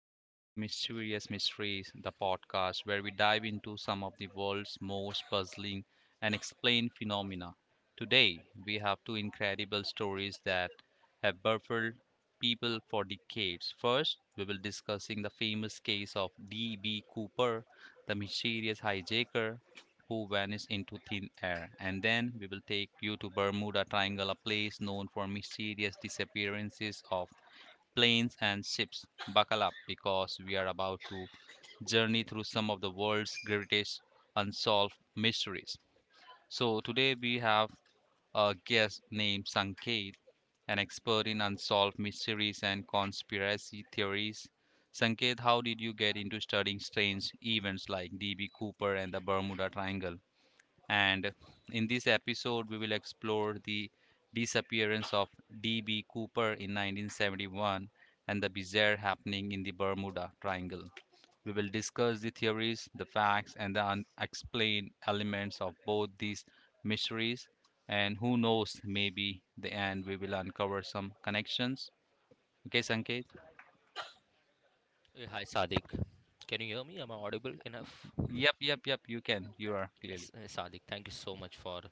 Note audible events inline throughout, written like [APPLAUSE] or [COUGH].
welcome to the Mysterious Mysteries, the podcast where we dive into some of the world's most puzzling and explained phenomena. Today, we have two incredible stories that have baffled people for decades. First, we will discussing the famous case of D.B. Cooper, the mysterious hijacker who vanished into thin air. And then we will take you to Bermuda Triangle, a place known for mysterious disappearances of planes, and ships. Buckle up because we are about to journey through some of the world's greatest unsolved mysteries. So, today we have a guest named Sanket, an expert in unsolved mysteries and conspiracy theories. Sanket, how did you get into studying strange events like DB Cooper and the Bermuda Triangle? And in this episode, we will explore the disappearance of D.B. Cooper in 1971 and the bizarre happening in the Bermuda Triangle. We will discuss the theories, the facts, and the unexplained elements of both these mysteries. And who knows, maybe the end we will uncover some connections. Okay, Sanket? Hi, Sadik. Can you hear me? Am I audible enough? Yep, yep, yep, you can. You are Yes, clearly. Sadik, thank you so much for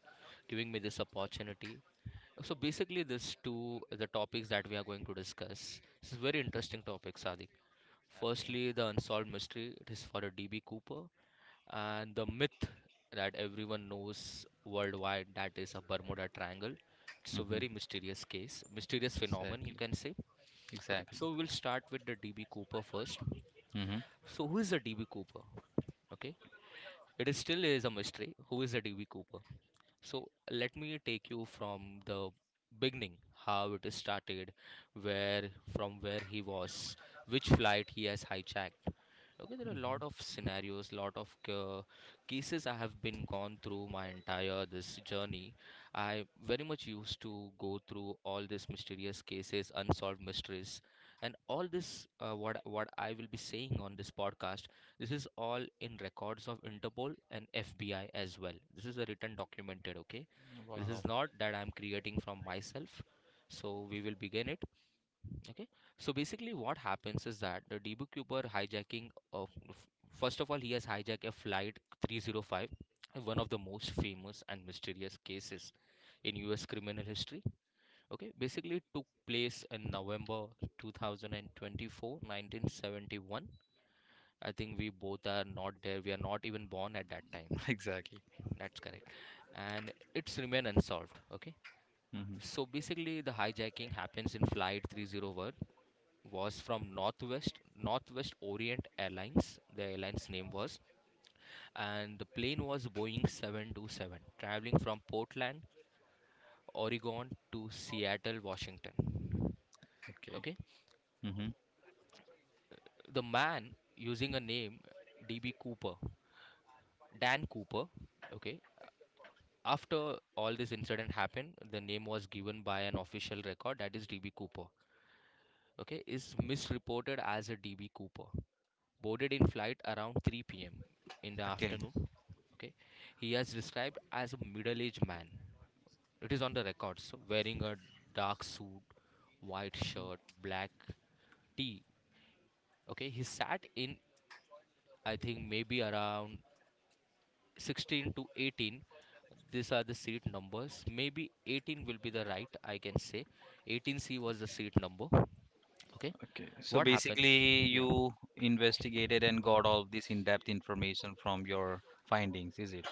giving me this opportunity. So basically, these two the topics that we are going to discuss. This is very interesting topic, Sadik. Okay. Firstly, the unsolved mystery. It is for a DB Cooper, and the myth that everyone knows worldwide that is a Bermuda Triangle. It's a Mm-hmm. very mysterious case, mysterious phenomenon, you Exactly. can say. Okay, Exactly. so we'll start with the DB Cooper first. Mm-hmm. So who is the DB Cooper? Okay, it is still is a mystery. Who is the DB Cooper? So let me take you from the beginning, how it is started, where from where he was, which flight he has hijacked. Okay, there are a lot of scenarios, lot of cases I have been gone through my entire this journey. I very much used to go through all these mysterious cases, unsolved mysteries, and all this what I will be saying on this podcast. This is all in records of Interpol and FBI as well. This is a written documented, okay? This is Wow. not that I'm creating from myself. So we will begin it, okay? So basically, what happens is that the DBQper hijacking of, first of all, he has hijacked a flight 305, one of the most famous and mysterious cases in US criminal history. Okay, basically, it took place in November 2024, 1971. I think we both are not there. We are not even born at that time. [LAUGHS] Exactly. That's correct. And it's remain unsolved. Okay. Mm-hmm. So basically, the hijacking happens in Flight 301 was from Northwest Orient Airlines. The airline's name was, and the plane was Boeing 727, traveling from Portland, Oregon to Seattle, Washington. Okay. Okay. Mm-hmm. The man using a name DB Cooper, Dan Cooper. Okay, after all this incident happened, the name was given by an official record, that is DB Cooper. Okay, is misreported as a DB Cooper. Boarded in flight around 3 p.m in the Okay. afternoon. Okay, he has described as a middle-aged man. It is on the records, wearing a dark suit, white shirt, black tee. Okay, he sat in, I think maybe around 16 to 18. These are the seat numbers. Maybe 18 will be the right, I can say. 18c was the seat number. Okay. So What happens? basically, Yeah, you investigated and got all this in-depth information from your findings, is it?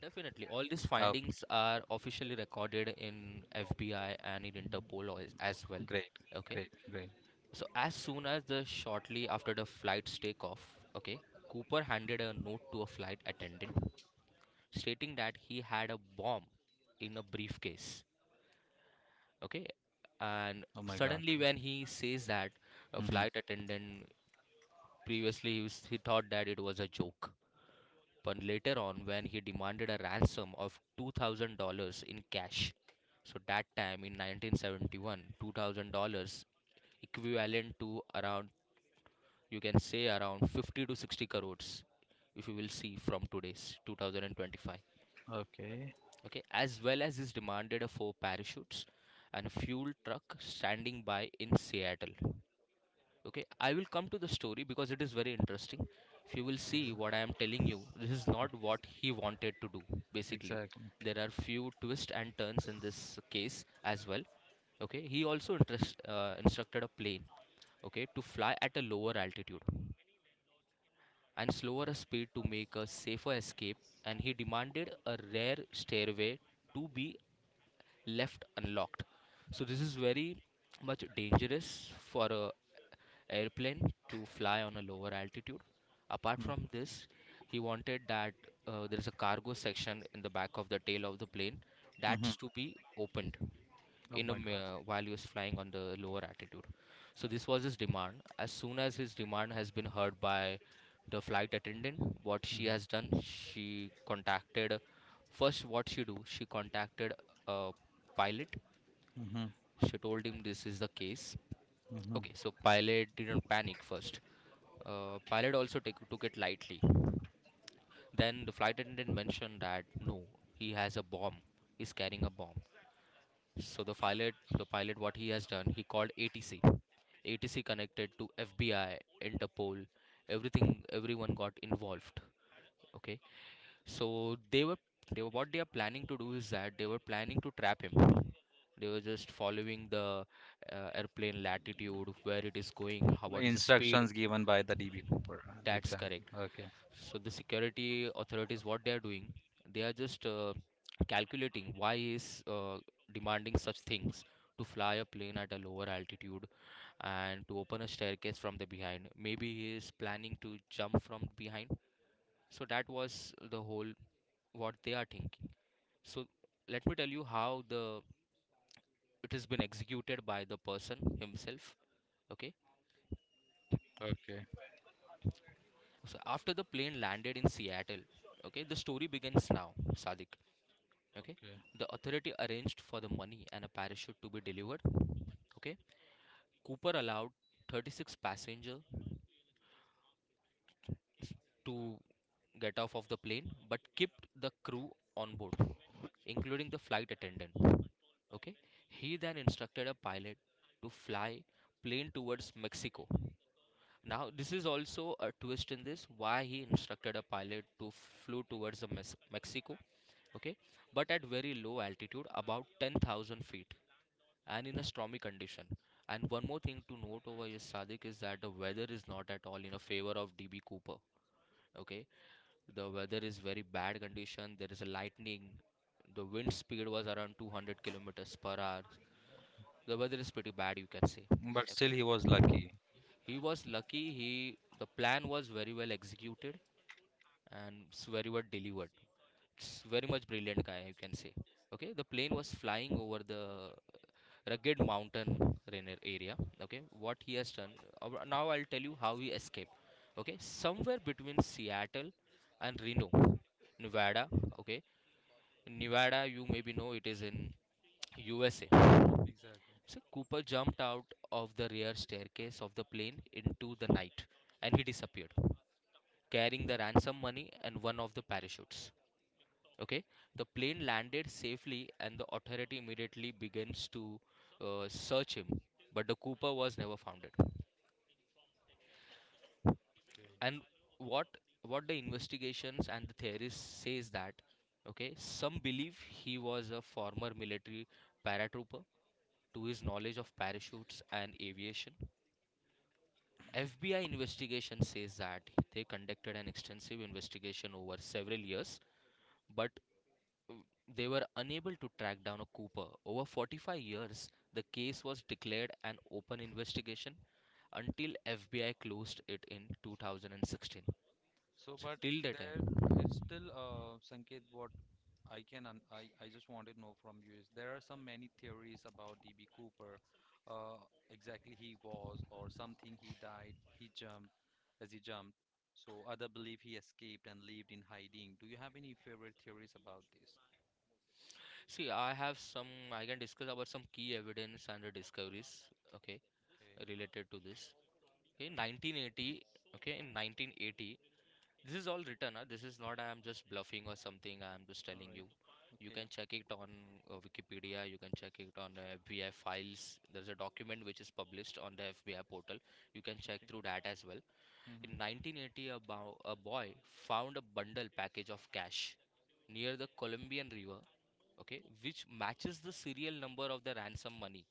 definitely all these Oh, findings are officially recorded in FBI and in Interpol as well. great, Okay, great, great. so as soon as the, shortly after the flight's takeoff, okay, Cooper handed a note to a flight attendant stating that he had a bomb in a briefcase. Okay, and Oh my God. suddenly when he says that, a Mm-hmm. flight attendant, previously he thought that it was a joke, but later on when he demanded a ransom of $2000 in cash. So that time in 1971, $2000 equivalent to around, you can say around 50 to 60 crores, if you will see from today's 2025. Okay. Okay, as well as is demanded a four parachutes and a fuel truck standing by in Seattle. Okay, I will come to the story because it is very interesting. If you will see, what I am telling you, this is not what he wanted to do, basically. Exactly. There are few twists and turns in this case as well. Okay, he also instructed a plane, okay, to fly at a lower altitude and slower a speed to make a safer escape. And he demanded a rare stairway to be left unlocked. So this is very much dangerous for a airplane to fly on a lower altitude. Apart Mm-hmm. from this, he wanted that there is a cargo section in the back of the tail of the plane, Mm-hmm. that's to be opened Oh my God. While he was flying on the lower altitude. So this was his demand. As soon as his demand has been heard by the flight attendant, what she has done, she contacted first, what she do, she contacted a pilot. Mm-hmm. She told him this is the case. Mm-hmm. Okay, so pilot didn't panic first. Pilot also took it lightly. Then the flight attendant mentioned that no, he has a bomb. He's carrying a bomb. So the pilot, what he has done, he called ATC. ATC connected to FBI, Interpol, everything. Everyone got involved. Okay, so they were what they are planning to do is that they were planning to trap him. They were just following the airplane latitude, where it is going, how The what is the speed. instructions given by the DB Cooper. That's Exactly. correct. Okay. So the security authorities, what they are doing, they are just calculating why is demanding such things, to fly a plane at a lower altitude and to open a staircase from the behind. Maybe he is planning to jump from behind. So that was the whole what they are thinking. So let me tell you how the it has been executed by the person himself. Okay. Okay. So after the plane landed in Seattle, okay, the story begins now, Sadik. Okay. Okay. The authority arranged for the money and a parachute to be delivered. Okay. Cooper allowed 36 passengers to get off of the plane but kept the crew on board, including the flight attendant. Okay. He then instructed a pilot to fly plane towards Mexico. Now this is also a twist in this, why he instructed a pilot to flew towards the Mexico. Okay. But at very low altitude, about 10,000 feet, and in a stormy condition. And one more thing to note over here, Sadik, is that the weather is not at all in a favor of DB Cooper. Okay, the weather is very bad condition. There is a lightning. The wind speed was around 200 kilometers per hour. The weather is pretty bad, you can say. But still, Okay, he was lucky. he was lucky. He The plan was very well executed and it's very well delivered. It's very much brilliant guy, you can say. Okay, the plane was flying over the rugged mountain rainer area. Okay, what he has done. Now I'll tell you how he escaped. Okay, somewhere between Seattle and Reno, Nevada. Okay, Nevada, you maybe know, it is in USA. Exactly. So Cooper jumped out of the rear staircase of the plane into the night, and he disappeared, carrying the ransom money and one of the parachutes. Okay, the plane landed safely, and the authority immediately begins to search him. But the Cooper was never founded. And what what the investigations and the theorists says that, okay, some believe he was a former military paratrooper, to his knowledge of parachutes and aviation. FBI investigation says that they conducted an extensive investigation over several years, but they were unable to track down a Cooper. Over 45 years, the case was declared an open investigation until FBI closed it in 2016. So, So but till the time, there is still Sanket, what I can un I just want to know from you is there are some many theories about DB Cooper, uh, exactly he was or something he died, he jumped as he jumped. So other believe he escaped and lived in hiding. Do you have any favorite theories about this? see, I have some. I can discuss about some key evidence and the discoveries. Okay, Okay. related to this. In 1980, okay, in 1980, this is all written, huh? This is not I am just bluffing or something. I am just All telling right. you. You Okay. can check it on Wikipedia. You can check it on the FBI files. There's a document which is published on the FBI portal. You can Okay. check through that as well. Hmm. In 1980, a boy found a bundle package of cash near the Colombian River, okay, which matches the serial number of the ransom money.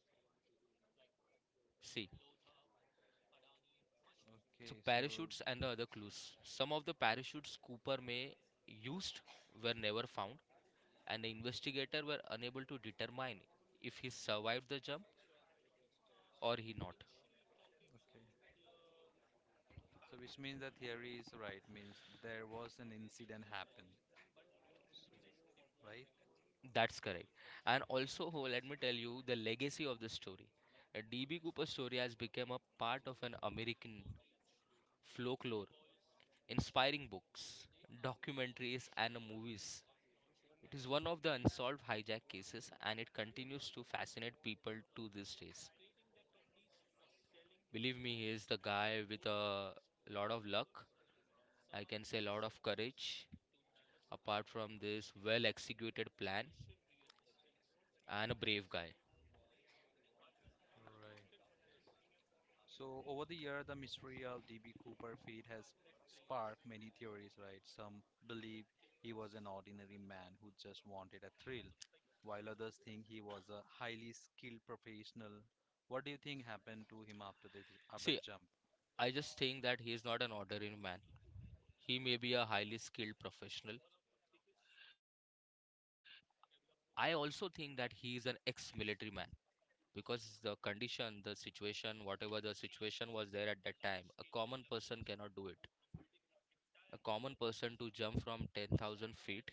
See, Okay. so So, parachutes and the other clues. Some of the parachutes Cooper may used were never found, and the investigator were unable to determine if he survived the jump or he not. okay. So which means the theory is right, means there was an incident happened, so, right? That's correct. And also, oh, let me tell you the legacy of the story. D.B. Cooper's story has become a part of an American folklore, inspiring books, documentaries, and movies. It is one of the unsolved hijack cases, and it continues to fascinate people to these days. Believe me, he is the guy with a lot of luck. I can say a lot of courage, apart from this well executed plan, and a brave guy. All right. So over the year, the mystery of D.B. Cooper fate has sparked many theories, right? Some believe he was an ordinary man who just wanted a thrill, while others think he was a highly skilled professional. What do you think happened to him after the See, jump? I just think that he is not an ordinary man. He may be a Exact- highly skilled professional. I also think that he is an ex-military man, because the condition, the situation, whatever the situation was there at that time, a common person cannot do it. A common person to jump from 10,000 feet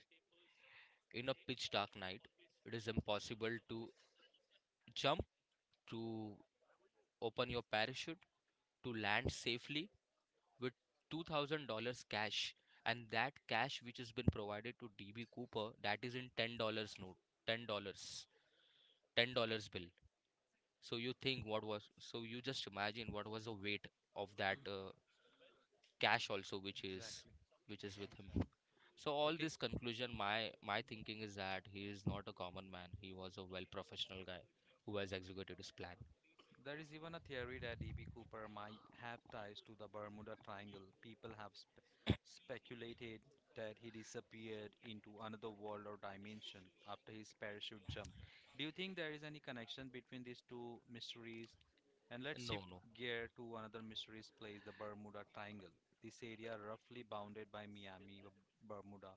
in a pitch dark night, it is impossible to jump, to open your parachute, to land safely with $2,000 cash, and that cash which has been provided to DB Cooper, that is in $10 note, $10 dollars, $10 bill. So you think what was, so you just imagine what was the weight of that cash also Exactly. which is with him. So all Okay. this conclusion, my thinking is that he is not a common man, he was a well professional guy who has executed his plan. There is even a theory that E.B. Cooper might have ties to the Bermuda Triangle. People have spe- speculated that he disappeared into another world or dimension after his parachute jump. Do you think there is any connection between these two mysteries? And let's shift No, no. gear to another mysterious place, the Bermuda Triangle. This area, roughly bounded by Miami, B- Bermuda,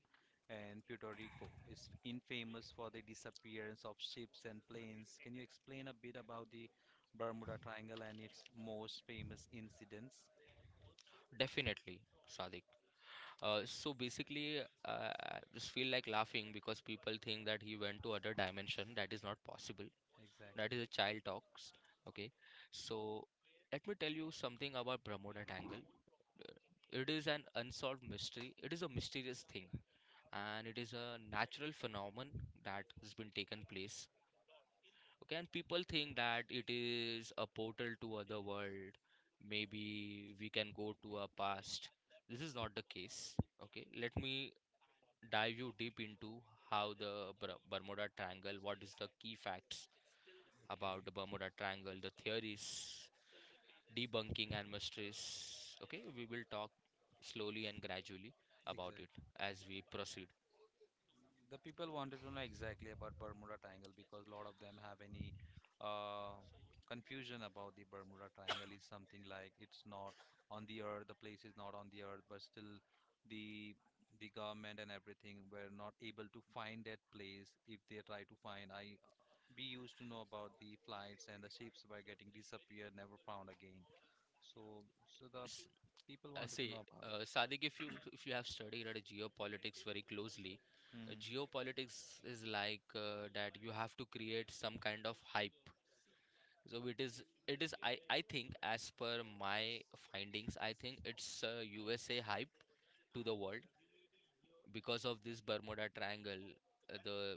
and Puerto Rico, is infamous for the disappearance of ships and planes. Can you explain a bit about the Bermuda Triangle and its most famous incidents? Definitely, Sadiq. So basically, I just feel like laughing because people think that he went to other dimension. That is not possible. Exactly. That is a child talks. Okay, so let me tell you something about Bermuda Triangle. Uh, It is an unsolved mystery. It is a mysterious thing, and it is a natural phenomenon that has been taken place. Okay, and people think that it is a portal to other world. Maybe we can go to our past. This is not the case. Okay, let me dive you deep into how the Bermuda Triangle, what is the key facts Okay. about the Bermuda Triangle, the theories, debunking and mysteries. Okay, we will talk slowly and gradually about Exactly. it as we proceed. The people wanted to know exactly about Bermuda Triangle because a lot of them have any uh, confusion about the Bermuda Triangle is something like it's not on the earth, the place is not on the earth, but still the the government and everything were not able to find that place if they try to find. I we used to know about the flights and the ships were getting disappeared, never found again. So the S- people wanted to know Say, about it. Sadiq, if you have studied geopolitics very closely, Hmm. geopolitics is like that you have to create some kind of hype. So it is I think, as per my findings, I think it's USA hype to the world. Because of this Bermuda Triangle, the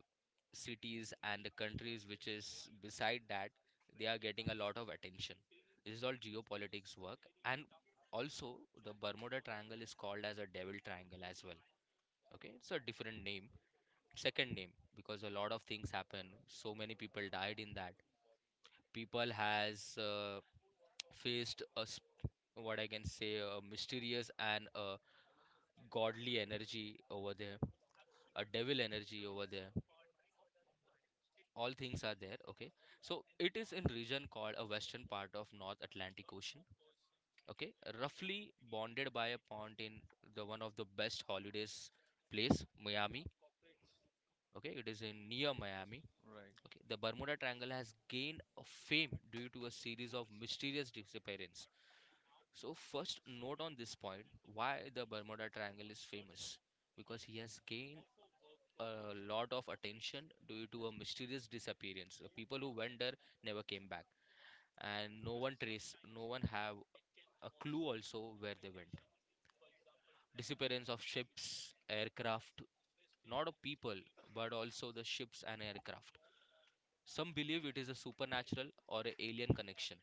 cities and the countries which is beside that, they are getting a lot of attention. This is all geopolitics work. And also, the Bermuda Triangle is called as a devil triangle as well. Okay, it's a different name, second name, because a lot of things happen. So many people died in that. People has faced a, what I can say, a mysterious and a godly energy over there, a devil energy over there. All things are there, okay? So it is in region called a western part of North Atlantic Ocean, okay? Roughly bonded by a pond in the one of the best holidays place, Miami, okay? It is in near Right, Miami. right. Okay, the Bermuda Triangle has gained a fame due to a series of mysterious disappearances. So first note on this point, why the Bermuda Triangle is famous, because he has gained a lot of attention due to a mysterious disappearance. The people who went there never came back, and no one have a clue also where they went. Disappearance of ships, aircraft, not of people but also the ships and aircraft. Some believe it is a supernatural or a alien connection.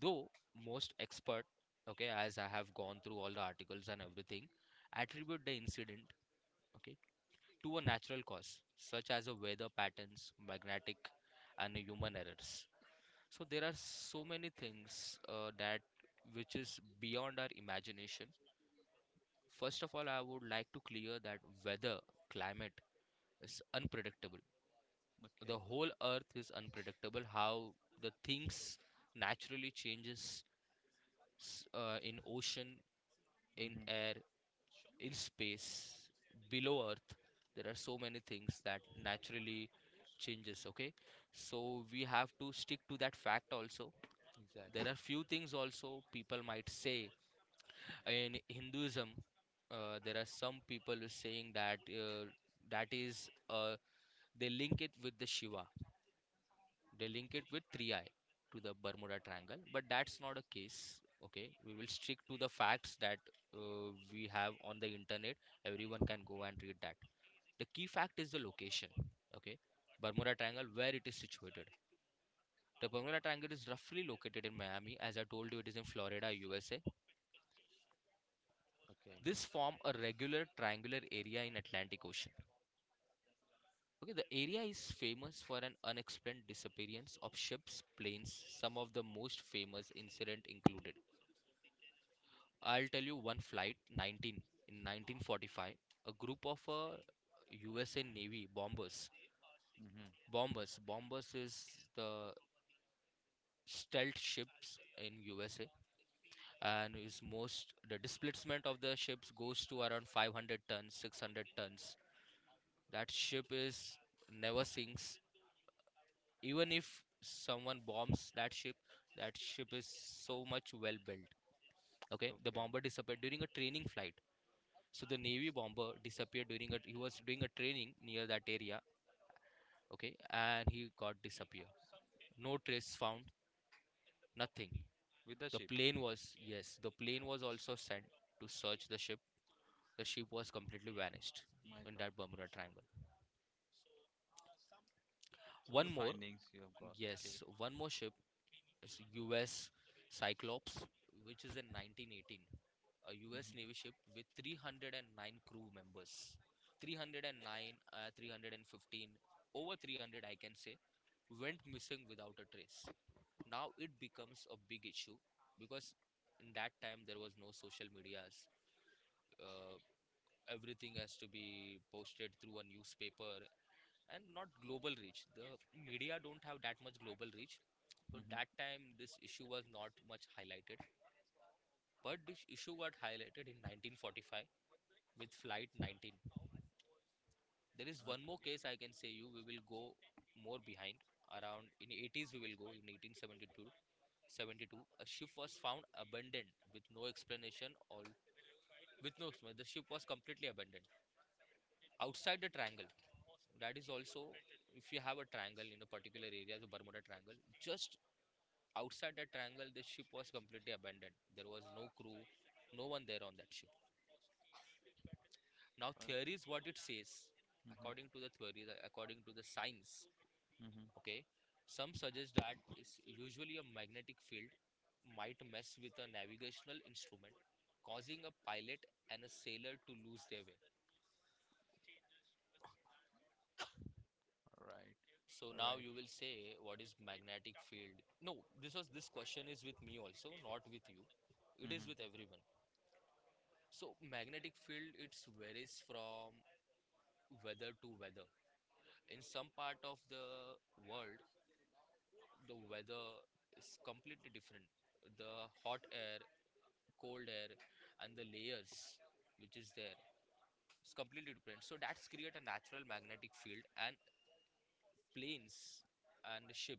Though most expert, okay, as I have gone through all the articles and everything, attribute the incident, okay, to a natural cause, such as a weather patterns, magnetic, and a human errors. So there are so many things that which is beyond our imagination. First of all, I would like to clear that weather, climate is unpredictable. Okay. The whole earth is unpredictable. How the things naturally changes in ocean, Hmm. in air, in space, below Earth. There are so many things that naturally changes. Okay, so we have to stick to that fact also. Exactly. There are few things also people might say in Hinduism. There are some people is saying that that is they link it with the Shiva. They link it with 3i to the Bermuda Triangle, but that's not a case. Okay, we will stick to the facts that we have on the internet. Everyone can go and read that. The key fact is the location. Okay, Bermuda Triangle, where it is situated. The Bermuda Triangle is roughly located in Miami, as I told you, it is in Florida, USA. Okay. This form a regular triangular area in Atlantic Ocean. Okay, the area is famous for an unexplained disappearance of ships, planes. Some of the most famous incident included, I'll tell you one, Flight 19, in 1945, a group of USA Navy bombers, Mm-hmm. bombers is the stealth ships in USA, and is most the displacement of the ships goes to around 500 tons, 600 tons. That ship is never sinks, even if someone bombs that ship. That ship is so much well built. Okay, the Okay. bomber disappeared during a training flight. So the Navy bomber disappeared during a, he was doing a training near that area, okay, and he got disappeared. No trace found, nothing. With the ship. The plane was, yes, the plane was also sent to search the ship. The ship was completely vanished My God. in that Bermuda Triangle. So good One more, findings you have got. Okay. yes, one more ship is U.S. Cyclops, which is in 1918, a Mm-hmm. U.S. Navy ship with 309 crew members. 309, 315, over 300, I can say, went missing without a trace. Now it becomes a big issue because in that time there was no social medias. Uh, Everything has to be posted through a newspaper, and not global reach. The media don't have that much global reach. So Mm-hmm. that time this issue was not much highlighted. But this issue got highlighted in 1945 with Flight 19. There is Okay. one more case I can say you. We will go more behind. Around in 80s, we will go in 1872, 72, a ship was found abandoned with no explanation, or with no explanation. The ship was completely abandoned outside the triangle. That is also, if you have a triangle in a particular area, the Bermuda Triangle, just outside that triangle the ship was completely abandoned. There was no crew, no one there on that ship. Now Okay. theories, what it says, Mm-hmm. according to the theories, according to the science. Mm-hmm. Okay, some suggest that is usually a magnetic field might mess with a navigational instrument, causing a pilot and a sailor to lose their way. All right. So All right. now you will say, what is magnetic field? No, this was, this question is with me also, not with you. It is Mm-hmm. with everyone. So magnetic field, it varies from weather to weather. In some part of the world, the weather is completely different. The hot air, cold air, and the layers which is there, it's completely different, so that's create a natural magnetic field. And planes and the ship,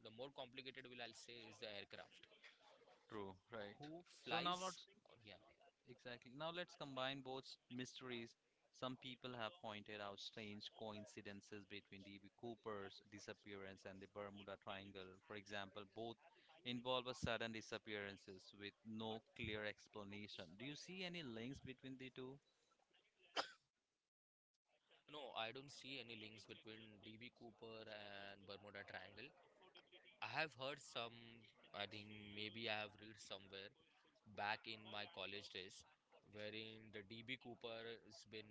the more complicated will, I'll say, is the aircraft True. Right. who So now let's flies. Oh, yeah. exactly now let's combine both mysteries. Some people have pointed out strange coincidences between D.B. Cooper's disappearance and the Bermuda Triangle. For example, both involve a sudden disappearances with no clear explanation. Do you see any links between the two? No, I don't see any links between DB Cooper and Bermuda Triangle. I have heard some, I think maybe I have read somewhere back in my college days, wherein the DB Cooper has been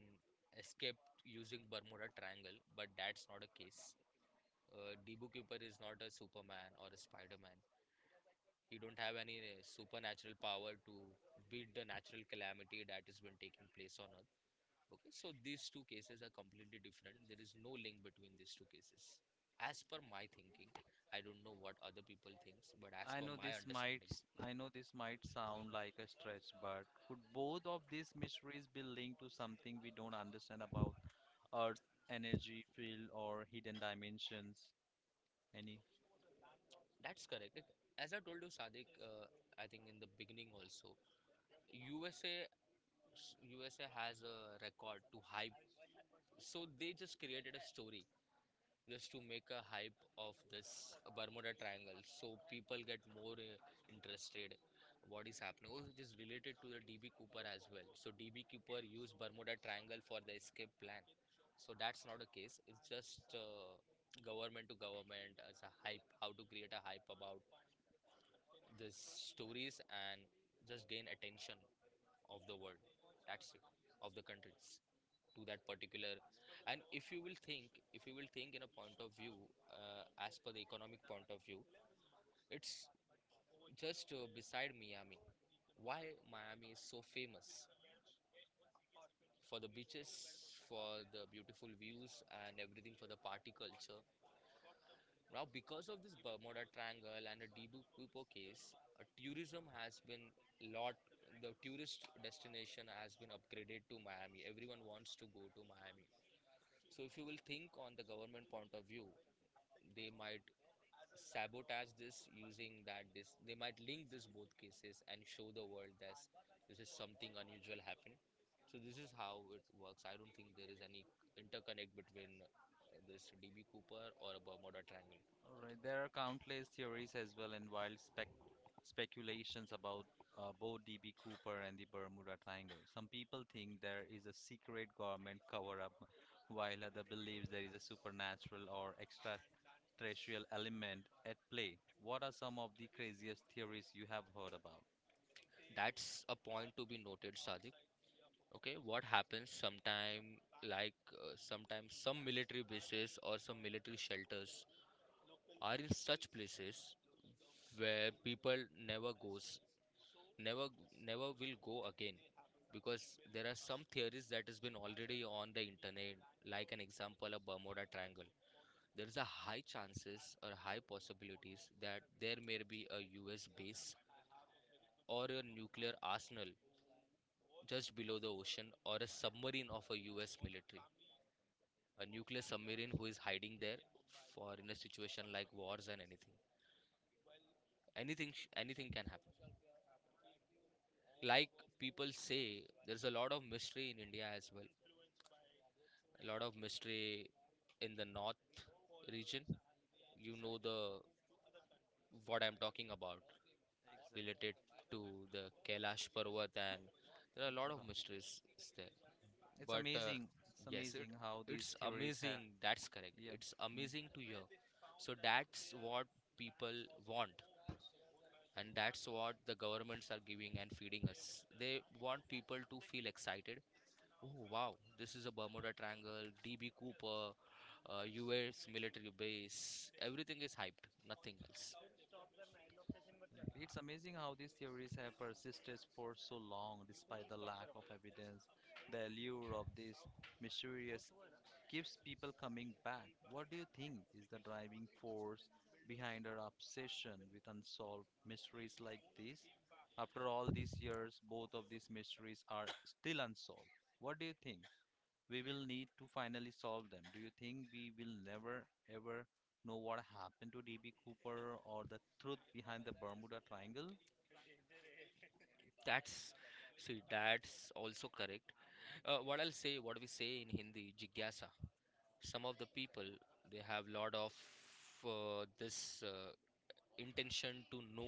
escaped using Bermuda Triangle, but that's not a case. Debu Cooper is not a Superman or a Spider-Man. He don't have any supernatural power to beat the natural calamity that has been taking place on Earth. Okay, so these two cases are completely different. There is no link between these two cases. As per my thinking, I don't know what other people thinks, but I as know per this my might understanding, s- I know this might sound like a stretch, but could both of these mysteries be linked to something we don't understand about Earth's energy field or hidden dimensions? Any? that's correct. As I told you, Sadiq, I think in the beginning also, USA, USA has a record to hype, so they just created a story just to make a hype of this Bermuda Triangle so people get more interested what is happening. Also, it is related to the DB Cooper as well. So DB Cooper used Bermuda Triangle for the escape plan. So that's not a case. It's just government to government as a hype. How to create a hype about these stories and just gain attention of the world. That's it. Of the countries to that particular. And if you will think in a point of view, as per the economic point of view, it's just beside Miami. Why Miami is so famous? For the beaches, for the beautiful views and everything, for the party culture. Now because of this Bermuda Triangle and the debacle case, tourism has been, lot, the tourist destination has been upgraded to Miami. Everyone wants to go to Miami. So if you will think on the government point of view, they might sabotage this, using that, this, they might link this both cases and show the world that this is something unusual happened. So this is how it works. I don't think there is any interconnect between this DB Cooper or a Bermuda Triangle. All right, there are countless theories as well and wild spec speculations about both DB Cooper and the Bermuda Triangle. Some people think there is a secret government cover-up, while other believes there is a supernatural or extraterrestrial element at play. What are some of the craziest theories you have heard about? That's a point to be noted, Sadiq. Okay, what happens sometime, like sometimes some military bases or some military shelters are in such places where people never goes, never never will go again. Because there are some theories that has been already on the internet, like an example, a Bermuda Triangle. There is a high chances or high possibilities that there may be a US base or a nuclear arsenal just below the ocean, or a submarine of a US military, a nuclear submarine who is hiding there for, in a situation like wars and anything, anything can happen. Like people say there's a lot of mystery in India as well, a lot of mystery in the north region. You know the, what I'm talking about, Exactly. related to the Kailash Parvat, and there are a God. lot of mysteries is there. It's But amazing. It's yes, amazing it, how these it's theories have. amazing. That's Yeah. correct. It's Hmm. amazing to hear. So that's what people want, and that's what the governments are giving and feeding us. They want people to feel excited. Oh wow, this is a Bermuda Triangle, DB Cooper, US military base. Everything is hyped, nothing else. Exactly. It's amazing how these theories have persisted for so long despite the lack of evidence. The allure of this mysterious keeps people coming back. What do you think is the driving force behind our obsession with unsolved mysteries like this? After all these years, both of these mysteries are still unsolved. What do you think? We will need to finally solve them. Do you think we will never ever know what happened to DB Cooper or the truth behind the Bermuda Triangle? That's, see, that's also correct. What I'll say, what we say in Hindi, jigyasa. Some of the people they have lot of this intention to know,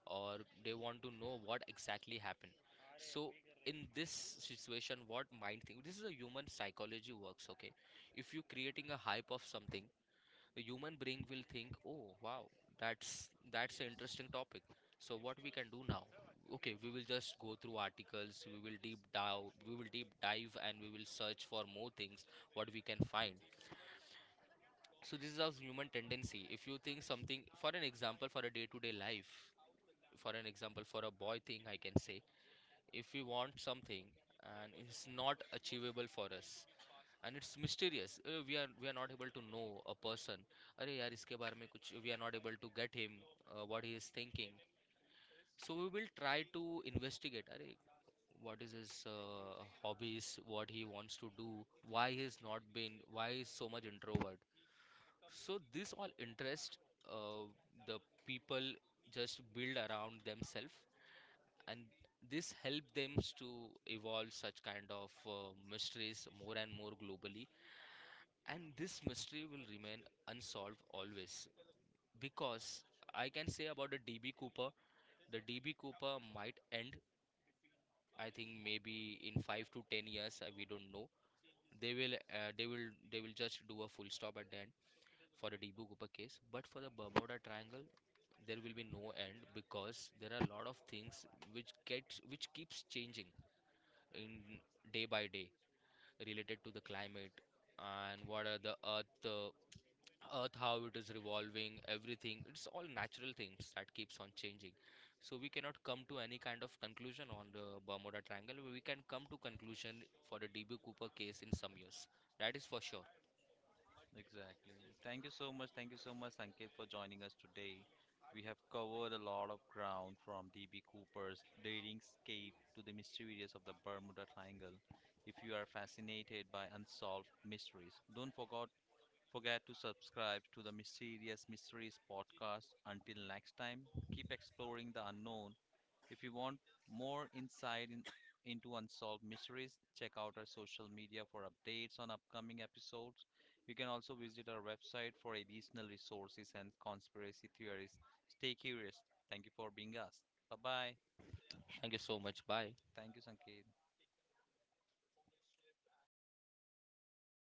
or they want to know what exactly happened. So in this situation, what mind thing? This is a human psychology works. Okay, if you creating a hype of something, the human brain will think, oh wow, that's that's an interesting topic. So what we can do now? Okay, we will just go through articles, we will deep dive, and we will search for more things, what we can find. So this is our human tendency. If you think something, for an example, for a day to day life, for an example, for a boy thing I can say, if we want something and it's not achievable for us, and it's mysterious, we are not able to know a person, अरे यार इसके बारे में कुछ, we are not able to get him, what he is thinking. So we will try to investigate, अरे, what is his hobbies, what he wants to do, why he is not been, why he is so much introvert. So this all interest, uh, the people just build around themselves, and this help them to evolve such kind of mysteries more and more globally. And this mystery will remain unsolved always, because I can say about the DB Cooper, the DB Cooper might end, I think maybe in 5 to 10 years, we don't know. They will they will just do a full stop at the end for the DB Cooper case. But for the Bermuda Triangle, there will be no end, because there are a lot of things which gets, which keeps changing in day by day, related to the climate, and what are the earth, how it is revolving, everything, it's all natural things that keeps on changing. So we cannot come to any kind of conclusion on the Bermuda Triangle. We can come to conclusion for the DB Cooper case in some years, that is for sure. Exactly. Thank you so much. Thank you so much, Sanket, for joining us today. We have covered a lot of ground from DB Cooper's daring escape to the mysterious of the Bermuda Triangle. If you are fascinated by unsolved mysteries, don't forget forget to subscribe to the Mysterious Mysteries podcast. Until next time, keep exploring the unknown. If you want more insight in, into unsolved mysteries, check out our social media for updates on upcoming episodes. You can also visit our website for additional resources and conspiracy theories. Stay curious. Thank you for being us. Bye bye. Thank you so much, bye. Thank you, Sanket.